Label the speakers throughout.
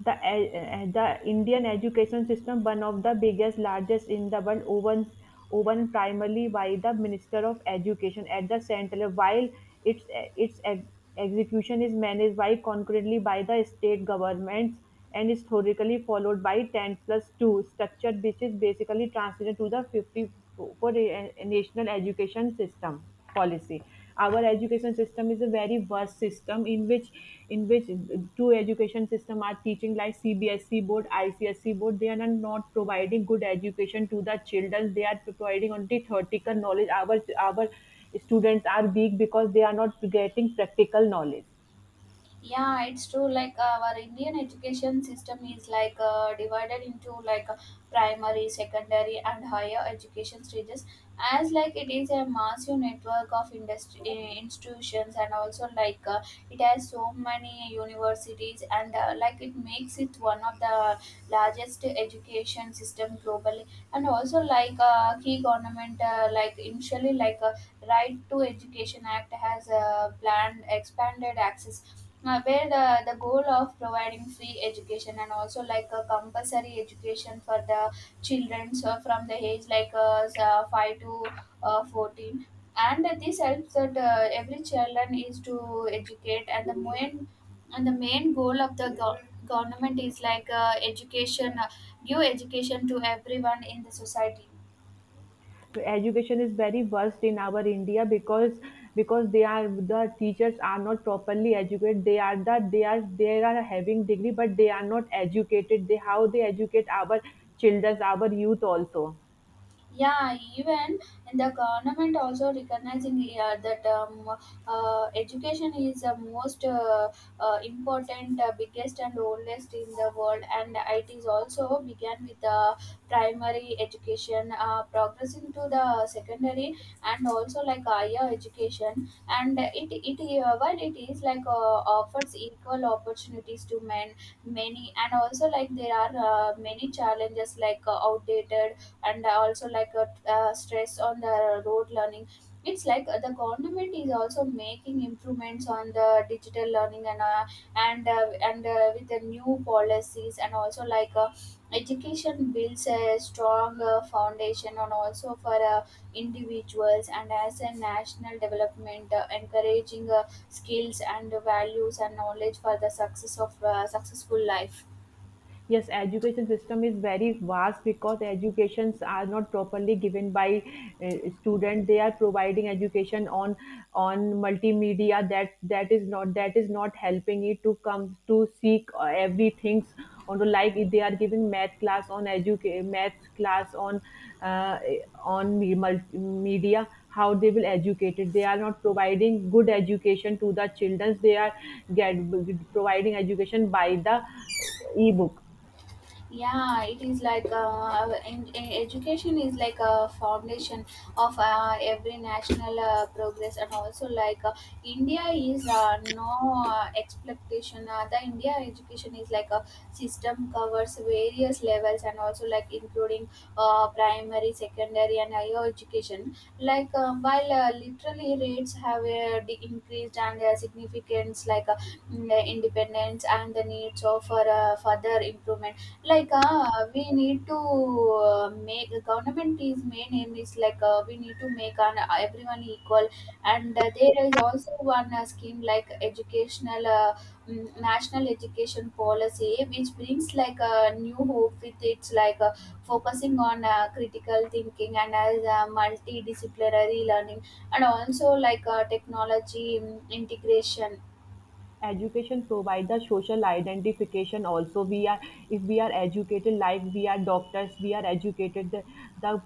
Speaker 1: The Indian education system, one of the biggest, largest in the world, woven woven primarily by the Minister of Education at the central, while its execution is managed by, concurrently, by the state governments, and is historically followed by 10 plus 2 structure, which is basically transition to the 54 national education system policy. Our education system is a very vast system in which in which two education system are teaching, like CBSE board, icse board. They are not providing good education to the children. They are providing only theoretical knowledge. Our students are weak because they are not getting practical knowledge.
Speaker 2: Yeah, it's true. Our Indian education system is divided into primary, secondary, and higher education stages. As like it is a massive network of institutions, and also it has so many universities, and like it makes it one of the largest education system globally. And also key government, like initially, Right to Education Act has planned expanded access where the goal of providing free education and also like a compulsory education for the children so from the age 5 to 14, and this helps that every children is to educate and the main goal of the government is like education, give education to everyone in the society.
Speaker 1: Education is very worst in our india because because they are the teachers are not properly educated. They are having degree but they are not educated. They, how they educate our children, our youth also?
Speaker 2: Yeah, even in the government also recognizing that education is the most important, biggest and oldest in the world, and it is also began with the primary education, progressing to the secondary and also like higher education, and it while it is like offers equal opportunities to men many, and also like there are many challenges like outdated and also like a, stress on the road learning. It's like the government is also making improvements on the digital learning and with the new policies, and also like education builds a strong foundation and also for individuals and as a national development, encouraging skills and values and knowledge for the success of successful life.
Speaker 1: Yes, education system is very vast because educations are not properly given by, uh, student. They are providing education on multimedia. That is not, that is not helping it to come to seek everything on the, like they are giving math class on educate, math class uh, on media. How they will educate it? They are not providing good education to the children. They are get providing education by the ebook.
Speaker 2: Yeah, it is like in education is like a foundation of every national progress, and also like India is no expectation. The India education is like a system, covers various levels and also like including primary, secondary and higher education. While literally rates have increased, and significance like independence and the needs of for further improvement, we need to make government is main aim is like we need to make an, everyone equal. And there is also one scheme like educational, national education policy, which brings like a new hope with its like focusing on critical thinking and as multidisciplinary learning, and also like technology integration.
Speaker 1: Education provides the social identification also. We are, if we are educated, like we are doctors, we are educated. The,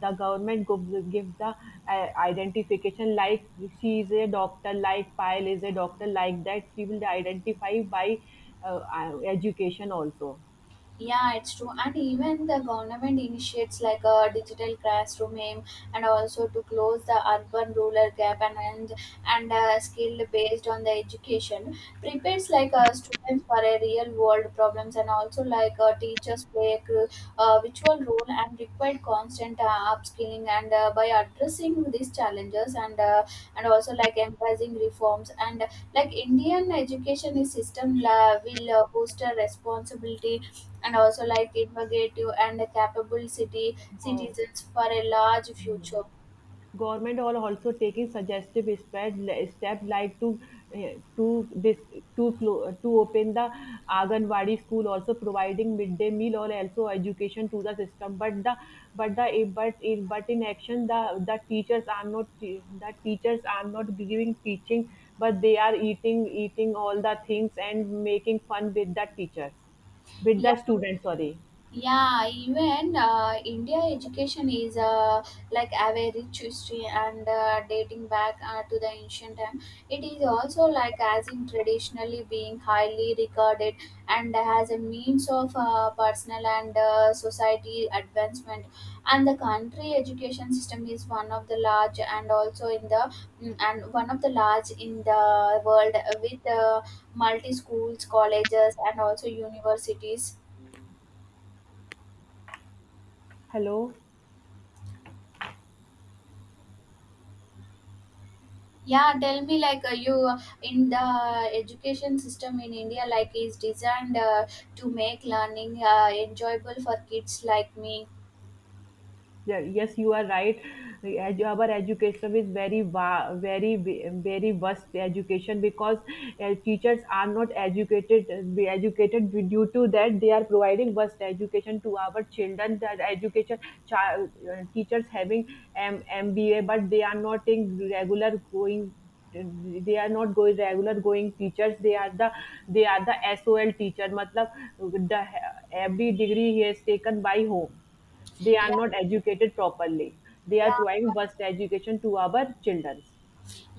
Speaker 1: the government gives the identification, like she is a doctor, like Pyle is a doctor, like that she will identify by education also.
Speaker 2: Yeah, it's true. And even the government initiates like a digital classroom aim and also to close the urban rural gap, and skill based on the education prepares like students for a real world problems, and also like teachers play a virtual role and require constant upskilling, and by addressing these challenges and and also like embracing reforms and like Indian education is system la will boost a responsibility and also like innovative and capable city
Speaker 1: Wow.
Speaker 2: citizens for a large future.
Speaker 1: Government are also taking suggestive steps, steps like to to this to open the Anganwadi school, also providing midday meal or also education to the system. But the but the but in action the teachers are not, the teachers are not giving teaching, but they are eating all the things and making fun with the teachers, with
Speaker 2: Yeah,
Speaker 1: the students. Sorry,
Speaker 2: yeah. Even India education is like have a rich history and dating back to the ancient time. It is also like as in traditionally being highly regarded and has a means of personal and society advancement, and the country education system is one of the large and also in the mm, and one of the large in the world with multi schools, colleges and also universities.
Speaker 1: hello.
Speaker 2: Yeah, tell me like you in the education system in India like is designed to make learning enjoyable for kids like me.
Speaker 1: Yeah, yes, you are right. Like, our education is very, very, very vast education because teachers are not educated. Be educated, due to that they are providing vast education to our children. That education, child, teachers having MBA, but they are not in regular going. They are not going, regular going teachers. They are the Sol teacher matlab, the every degree he has taken by home. They are
Speaker 2: Yeah,
Speaker 1: not educated properly. They are
Speaker 2: yeah.
Speaker 1: providing worst education to our children.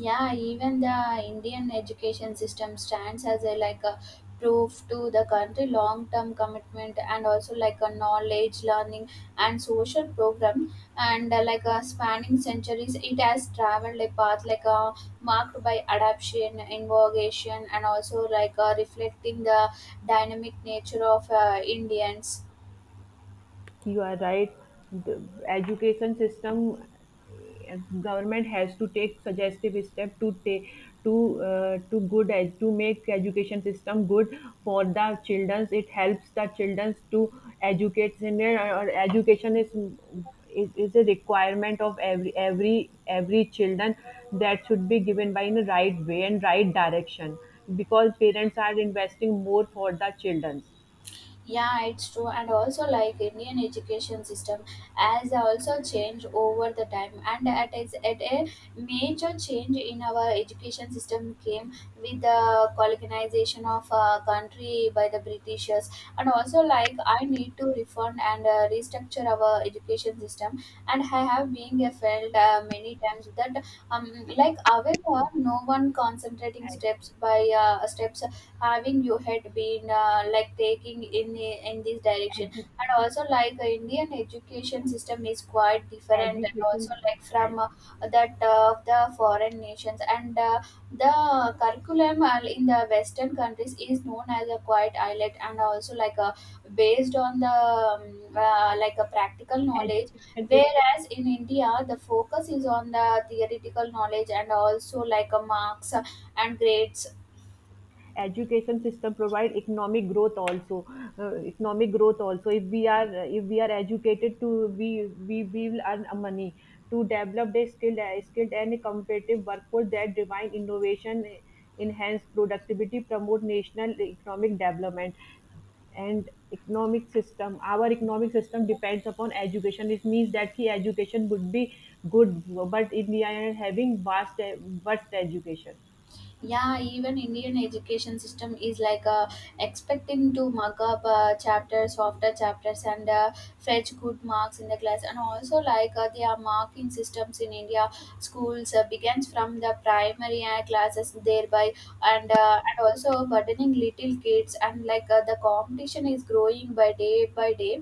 Speaker 2: Yeah. Even the Indian education system stands as a like a proof to the country long term commitment, and also like a knowledge learning and social program, and like a spanning centuries, it has traveled a path like a marked by adaptation, innovation, and also like a reflecting the dynamic nature of Indians.
Speaker 1: You are right. The education system, government has to take suggestive step, to take to, to good to make education system good for the children. It helps the children to educate them, or education is a requirement of every children. That should be given by in the right way and right direction, because parents are investing more for the children.
Speaker 2: Yeah, it's true, and also like Indian education system has also changed over the time, and at is at a major change in our education system came with the colonization of a country by the Britishers, and also like I need to refund and restructure our education system, and I have been felt many times that um however no one concentrating steps by steps having you had been like taking in this
Speaker 1: Ed-
Speaker 2: direction.
Speaker 1: edu-
Speaker 2: And also like Indian education system is quite different, and
Speaker 1: education
Speaker 2: also like from that of the foreign nations, and the curriculum in the western countries is known as a quite islet, and also like a based on the like a practical knowledge,
Speaker 1: education sys-
Speaker 2: whereas in India the focus is on the theoretical knowledge and also like a marks and grades.
Speaker 1: education system provide economic growth also. Economic growth also, if we are, if we are educated to, we will earn a money to develop a skilled, skilled and competitive workforce that divine innovation, enhance productivity, promote national economic development. And economic system, our economic system depends upon education. It means that the education would be good, but India is having vast vast education.
Speaker 2: Yeah, even Indian education system is like expecting to mug up chapters after chapters and fetch good marks in the class, and also like their marking systems in India schools begins from the primary classes thereby, and also burdening little kids, and like the competition is growing by day by day,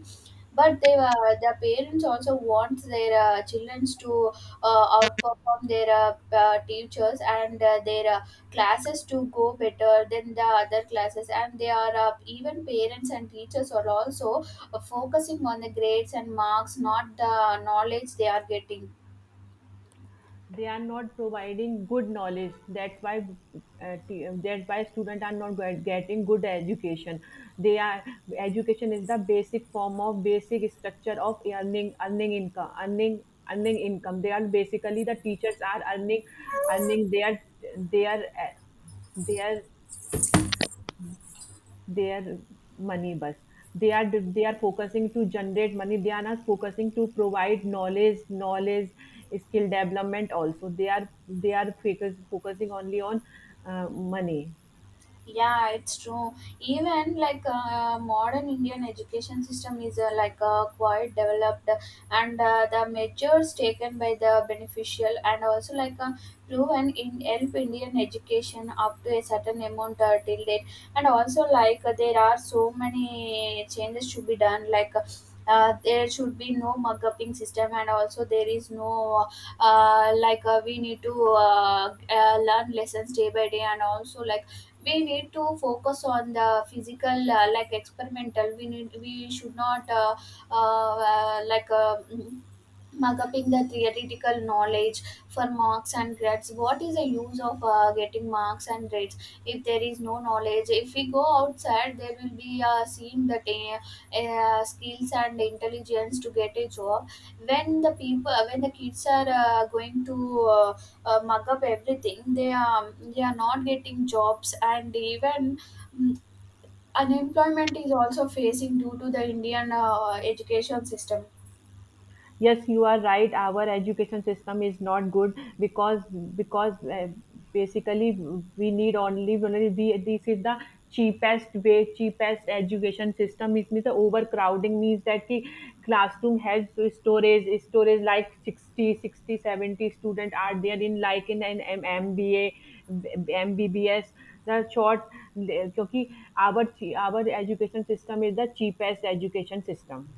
Speaker 2: but they were the parents also want their children to outperform their teachers and their classes to go better than the other classes. And they are, even parents and teachers are also focusing on the grades and marks, not the knowledge they are getting.
Speaker 1: They are not providing good knowledge. That's why, that's why students are not getting good education. They are, education is the basic form, of basic structure of earning, income. They are basically, the teachers are earning, earning their, their uh, their their money bus. They are focusing to generate money. They are not focusing to provide knowledge, skill development also. They are, they are focusing only on money.
Speaker 2: Yeah, it's true. Even like modern Indian education system is quite developed, and the measures taken by the beneficial and also like proven in help Indian education up to a certain amount till date, and also like there are so many changes to be done like there should be no mug upping system, and also there is no we need to learn lessons day by day, and also like we need to focus on the physical like experimental. We should not uh, uh, like uh, mm, mug up in the theoretical knowledge for marks and grades. What is the use of getting marks and grades if there is no knowledge? If we go outside there will be seeing that skills and intelligence to get a job. When the people, when the kids are going to uh, mug up everything, they are not getting jobs, and even mm, unemployment is also facing due to the Indian education system.
Speaker 1: Yes, you are right. Our education system is not good because, because uh, basically, we need only, only the, this is the cheapest way, cheapest education system. It means the overcrowding, means that the classroom has storage like 60, 60, 70 60 student are there, in like in an mba, mbbs, the short, because our our education system is the cheapest education system.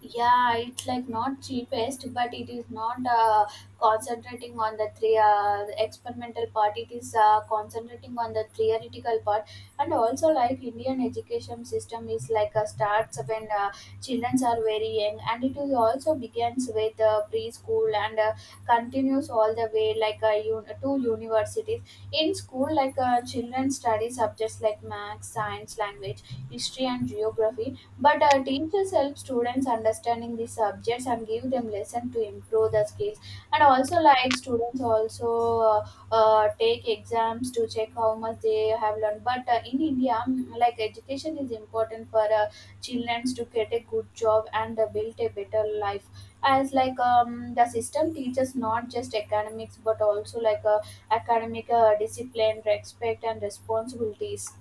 Speaker 2: Yeah, it's like not cheapest, but it is not concentrating on the three experimental part. It is concentrating on the theoretical part. And also like Indian education system is like a starts when children are very young, and it is also begins with preschool and continues all the way to universities. In school, like children study subjects like math, science, language, history and geography, but teachers help students understanding the subjects and give them lesson to improve the skills. And also, like students also uh, take exams to check how much they have learned. But in India, like education is important for children to get a good job and build a better life. As like the system teaches not just academics but also like academic discipline, respect, and responsibilities.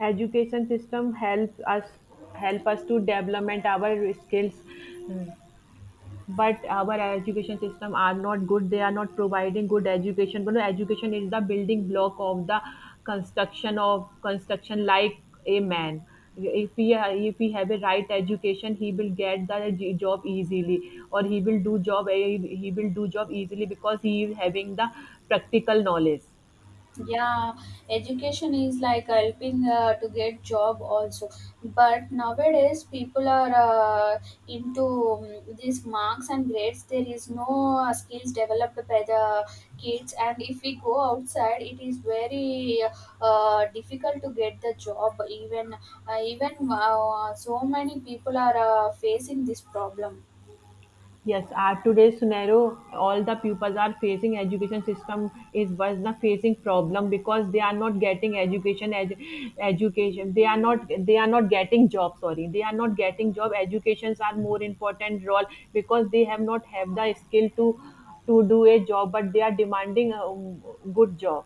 Speaker 1: Education system helps us, help us to development our skills, but our education system are not good. They are not providing good education. But education is the building block of the construction, of construction, like a man, if he, if he have a right education, he will get the job easily, or he will do job, he will do job easily, because he is having the practical knowledge.
Speaker 2: Yeah, education is like helping to get job also, but nowadays people are into these marks and grades. There is no skills developed by the kids, and if we go outside it is very difficult to get the job. Even so many people are facing this problem.
Speaker 1: Yes, at today's scenario, all the pupils are facing, education system is was the facing problem because they are not getting education, education. They are not, they are not getting job. Sorry, they are not getting job. Educations are more important role because they have not have the skill to do a job, but they are demanding a, good job.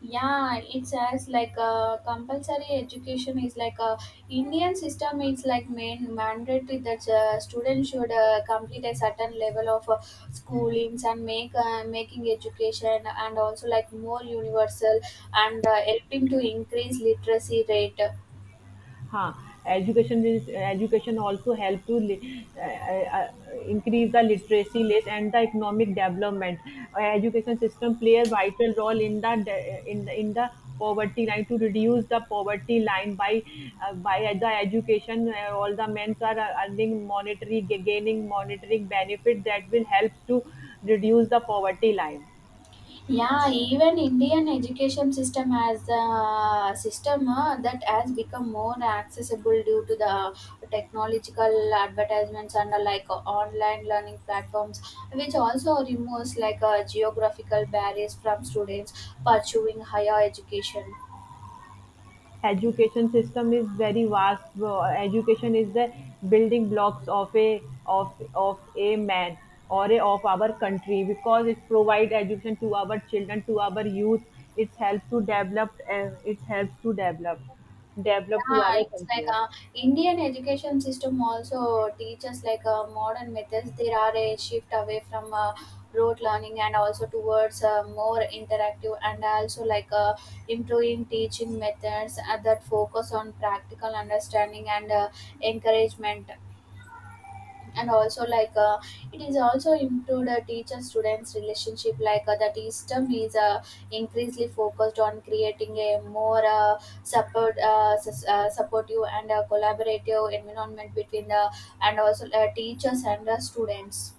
Speaker 2: Yeah, it says like a compulsory education is like a Indian system is like main mandatory that students should complete a certain level of schoolings, and make making education and also like more universal, and helping to increase literacy rate.
Speaker 1: Huh. Education is, education also help to increase the literacy rate and the economic development. Education system play a vital role in the in the poverty line, to reduce the poverty line by, by the education. All the men are, earning monetary gaining monetary benefit that will help to reduce the poverty line.
Speaker 2: Yeah, even Indian education system has a system that has become more accessible due to the technological advertisements, and like online learning platforms, which also removes like geographical barriers from students pursuing higher education.
Speaker 1: Education system is very vast, bro. Education is the building blocks of a, of a man, or a, of our country, because it provides education to our children, to our youth. It helps to develop, it helps to develop develop to
Speaker 2: Yeah,
Speaker 1: our
Speaker 2: it's like
Speaker 1: country.
Speaker 2: uh, Indian education system also teaches like modern methods. There are a shift away from rote learning and also towards more interactive and also improving teaching methods that focus on practical understanding and encouragement and also it is also into the teacher students relationship the system is increasingly focused on creating a more supportive and collaborative environment between the and also teachers and the students.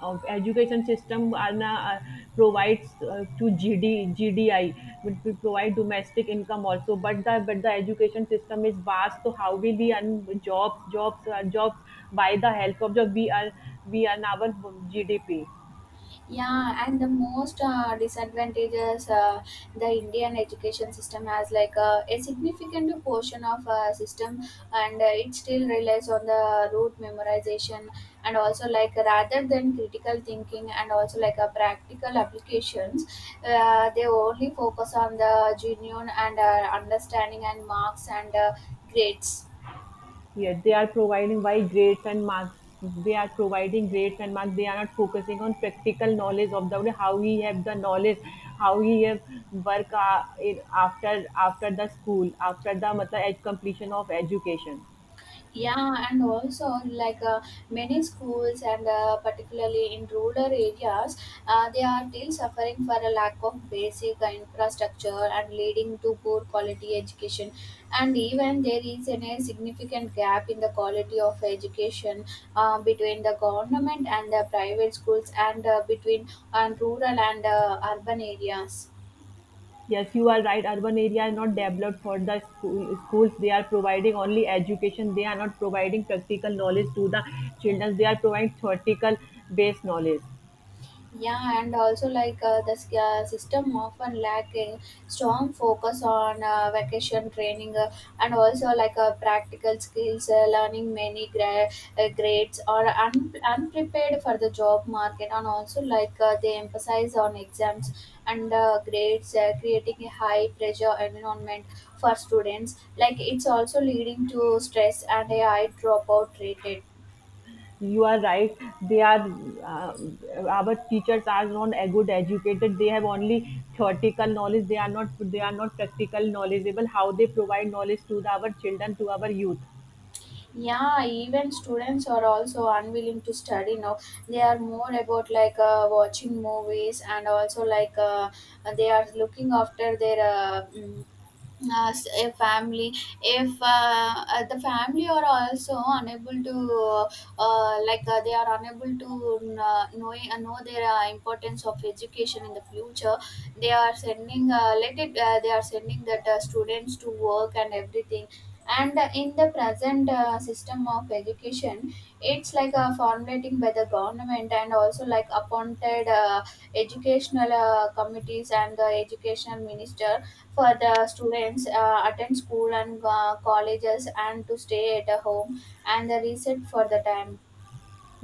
Speaker 1: Of education system are na, provides, to GD, GDI, which will provide domestic income also. But the education system is vast, so how will we earn jobs, jobs, by the help of the, we are, we earn our GDP.
Speaker 2: Yeah, and the most disadvantages the Indian education system has like a significant portion of system, and it still relies on the rote memorization and also like rather than critical thinking and also like a practical applications, they only focus on the genuine and understanding and marks and grades.
Speaker 1: Yeah, they are providing by grades and marks. They are providing grades and marks. They are not focusing on practical knowledge of the, how we have the knowledge, how we have work, after, after the school, after the matlab, completion of education.
Speaker 2: Yeah, and also many schools and particularly in rural areas, they are still suffering for a lack of basic infrastructure and leading to poor quality education. And even there is an, a significant gap in the quality of education between the government and the private schools and between and rural and urban areas.
Speaker 1: Yes, you are right. Urban area are not developed for the school, schools. They are providing only education. They are not providing practical knowledge to the children. They are providing theoretical based knowledge.
Speaker 2: Yeah, and also the system often lack a strong focus on vacation training and also practical skills, learning many grades or unprepared for the job market, and also they emphasize on exams and grades, creating a high pressure environment for students. Like it's also leading to stress and a high dropout rate.
Speaker 1: You are right. They are, uh, our teachers are not a good educated. They have only theoretical knowledge. They are not, they are not practical knowledgeable. How they provide knowledge to the, our children, to our youth?
Speaker 2: Yeah, even students are also unwilling to study now. They are more about watching movies and also they are looking after their as a family. If the family are also unable to they are unable to know their importance of education in the future. They are sending let it they are sending that students to work and everything. And in the present system of education it's like formulating by the government and also like appointed educational committees and the educational minister for the students attend school and colleges and to stay at a home and the reset for the time.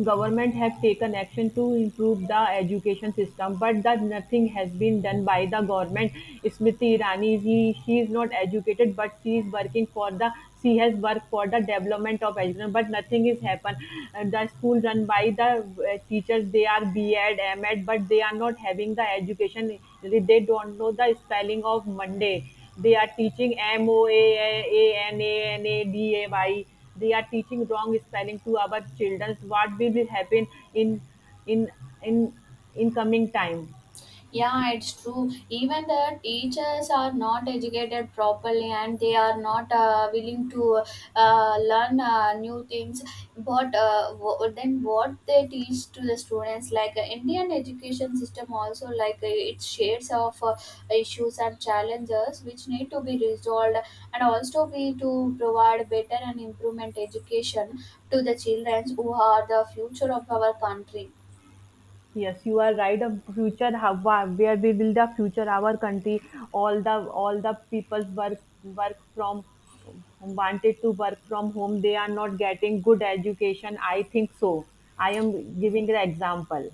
Speaker 1: Government have taken action to improve the education system, but that nothing has been done by the government. Smriti Irani, she is not educated, but she is working for the, she has worked for the development of education, but nothing is happened. The school run by the teachers, they are B.Ed, M.Ed, but they are not having the education. They don't know the spelling of Monday. They are teaching Moaananaday. They are teaching wrong spelling to our children. What will happen in in in in coming time?
Speaker 2: Yeah, it's true. Even the teachers are not educated properly and they are not willing to learn new things. But then what they teach to the students, like Indian education system also, like its shades of issues and challenges which need to be resolved. And also we to provide better and improvement education to the children who are the future of our country.
Speaker 1: Yes, you are right. Of future, how, where we will, the future our country. All the, all the people's work, work from wanted to work from home. They are not getting good education, I think so. I am giving the example.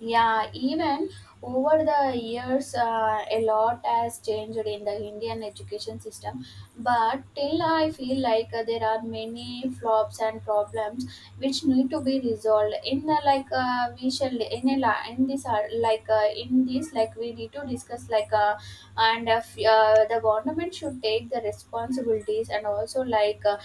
Speaker 2: Yeah, even over the years, a lot has changed in the Indian education system. But till I feel like there are many flops and problems which need to be resolved. In the like, we shall in a in this in this like we need to discuss and the government should take the responsibilities and also like. Uh,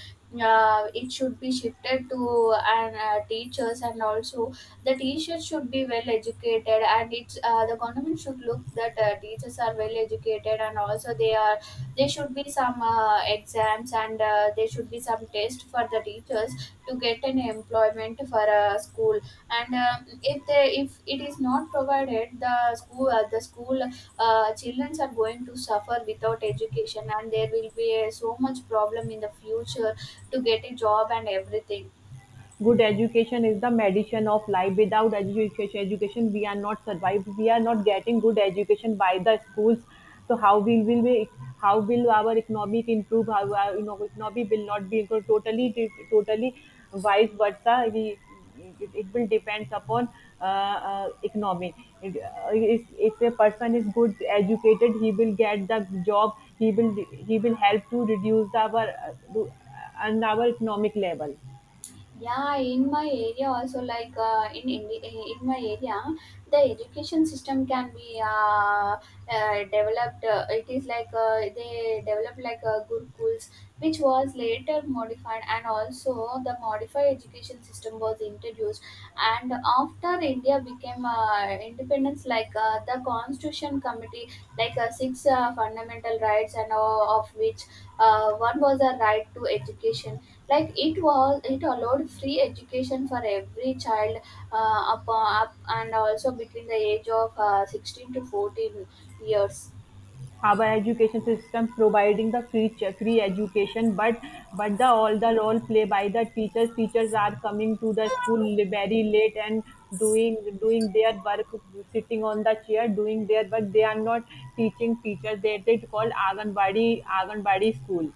Speaker 2: uh, It should be shifted to and teachers and also the teachers should be well educated and it's the government should look that teachers are well educated and also they are there should be some exams and there should be some test for the teachers to get an employment for a school. And if they if it is not provided the school children are going to suffer without education and there will be so much problem in the future to get a job and everything.
Speaker 1: Good education is the medicine of life. Without education, we are not survive. We are not getting good education by the schools, so how will our economic improve? How our, you know, economy will not be improved, totally, vice versa. It will depends upon, uh, economy. If a person is good educated, he will get the job. He will he will help to reduce our, and our economic level.
Speaker 2: Yeah, in my area also like in in my area the education system can be developed. It is like they developed like gurukuls which was later modified and also the modified education system was introduced. And after India became independence like the constitution committee like six fundamental rights and of which one was a right to education, like it was it allowed free education for every child up and also between the age of 16 to 14 years.
Speaker 1: Our education system providing the free free education, but the all the role play by the teachers. Teachers are coming to the school, very late, and doing their work, sitting on the chair doing their work. They are not teaching teachers. They call aganbadi, aganbadi school,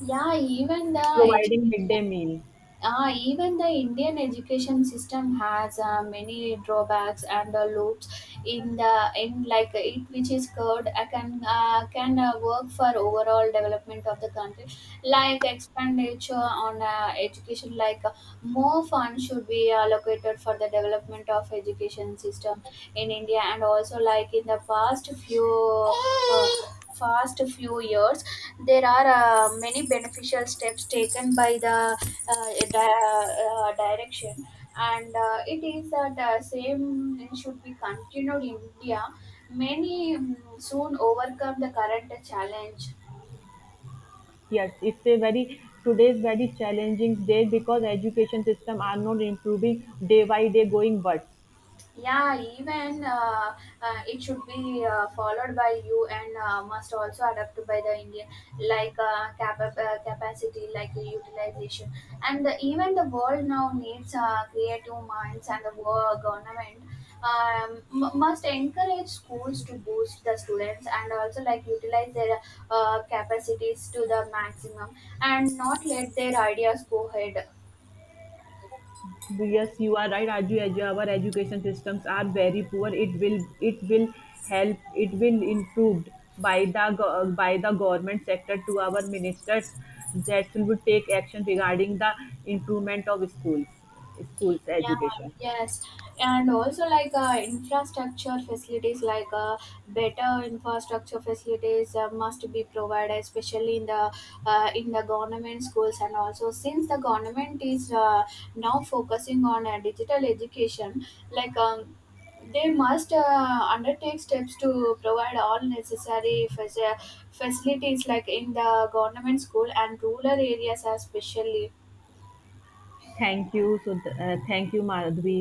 Speaker 2: Yeah, even the education
Speaker 1: providing midday meal.
Speaker 2: even the Indian education system has many drawbacks and loops in the in like it which is called can work for overall development of the country, like expenditure on education like more funds should be allocated for the development of education system in India. And also like in the past few years there are many beneficial steps taken by the direction. And it is that same should be continued in India. Many soon overcome the current challenge.
Speaker 1: Yes, it's a very, today's very challenging day, because education system are not improving, day by day going worse.
Speaker 2: Yeah, even it should be followed by you and must also adapted by the Indian, capacity like utilization. And the, even the world now needs creative minds and the world government must encourage schools to boost the students and also like utilize their capacities to the maximum and not let their ideas go ahead.
Speaker 1: Yes, you are right, Raju. As our education systems are very poor, it will help. It will improved by the by the government sector, to our ministers, that will take action regarding the improvement of schools, schools
Speaker 2: Yeah,
Speaker 1: education.
Speaker 2: yes. And also like infrastructure facilities like better infrastructure facilities must be provided especially in the government schools. And also since the government is now focusing on digital education like they must undertake steps to provide all necessary facilities like in the government school and rural areas especially.
Speaker 1: Thank you. So thank you, Madhvi.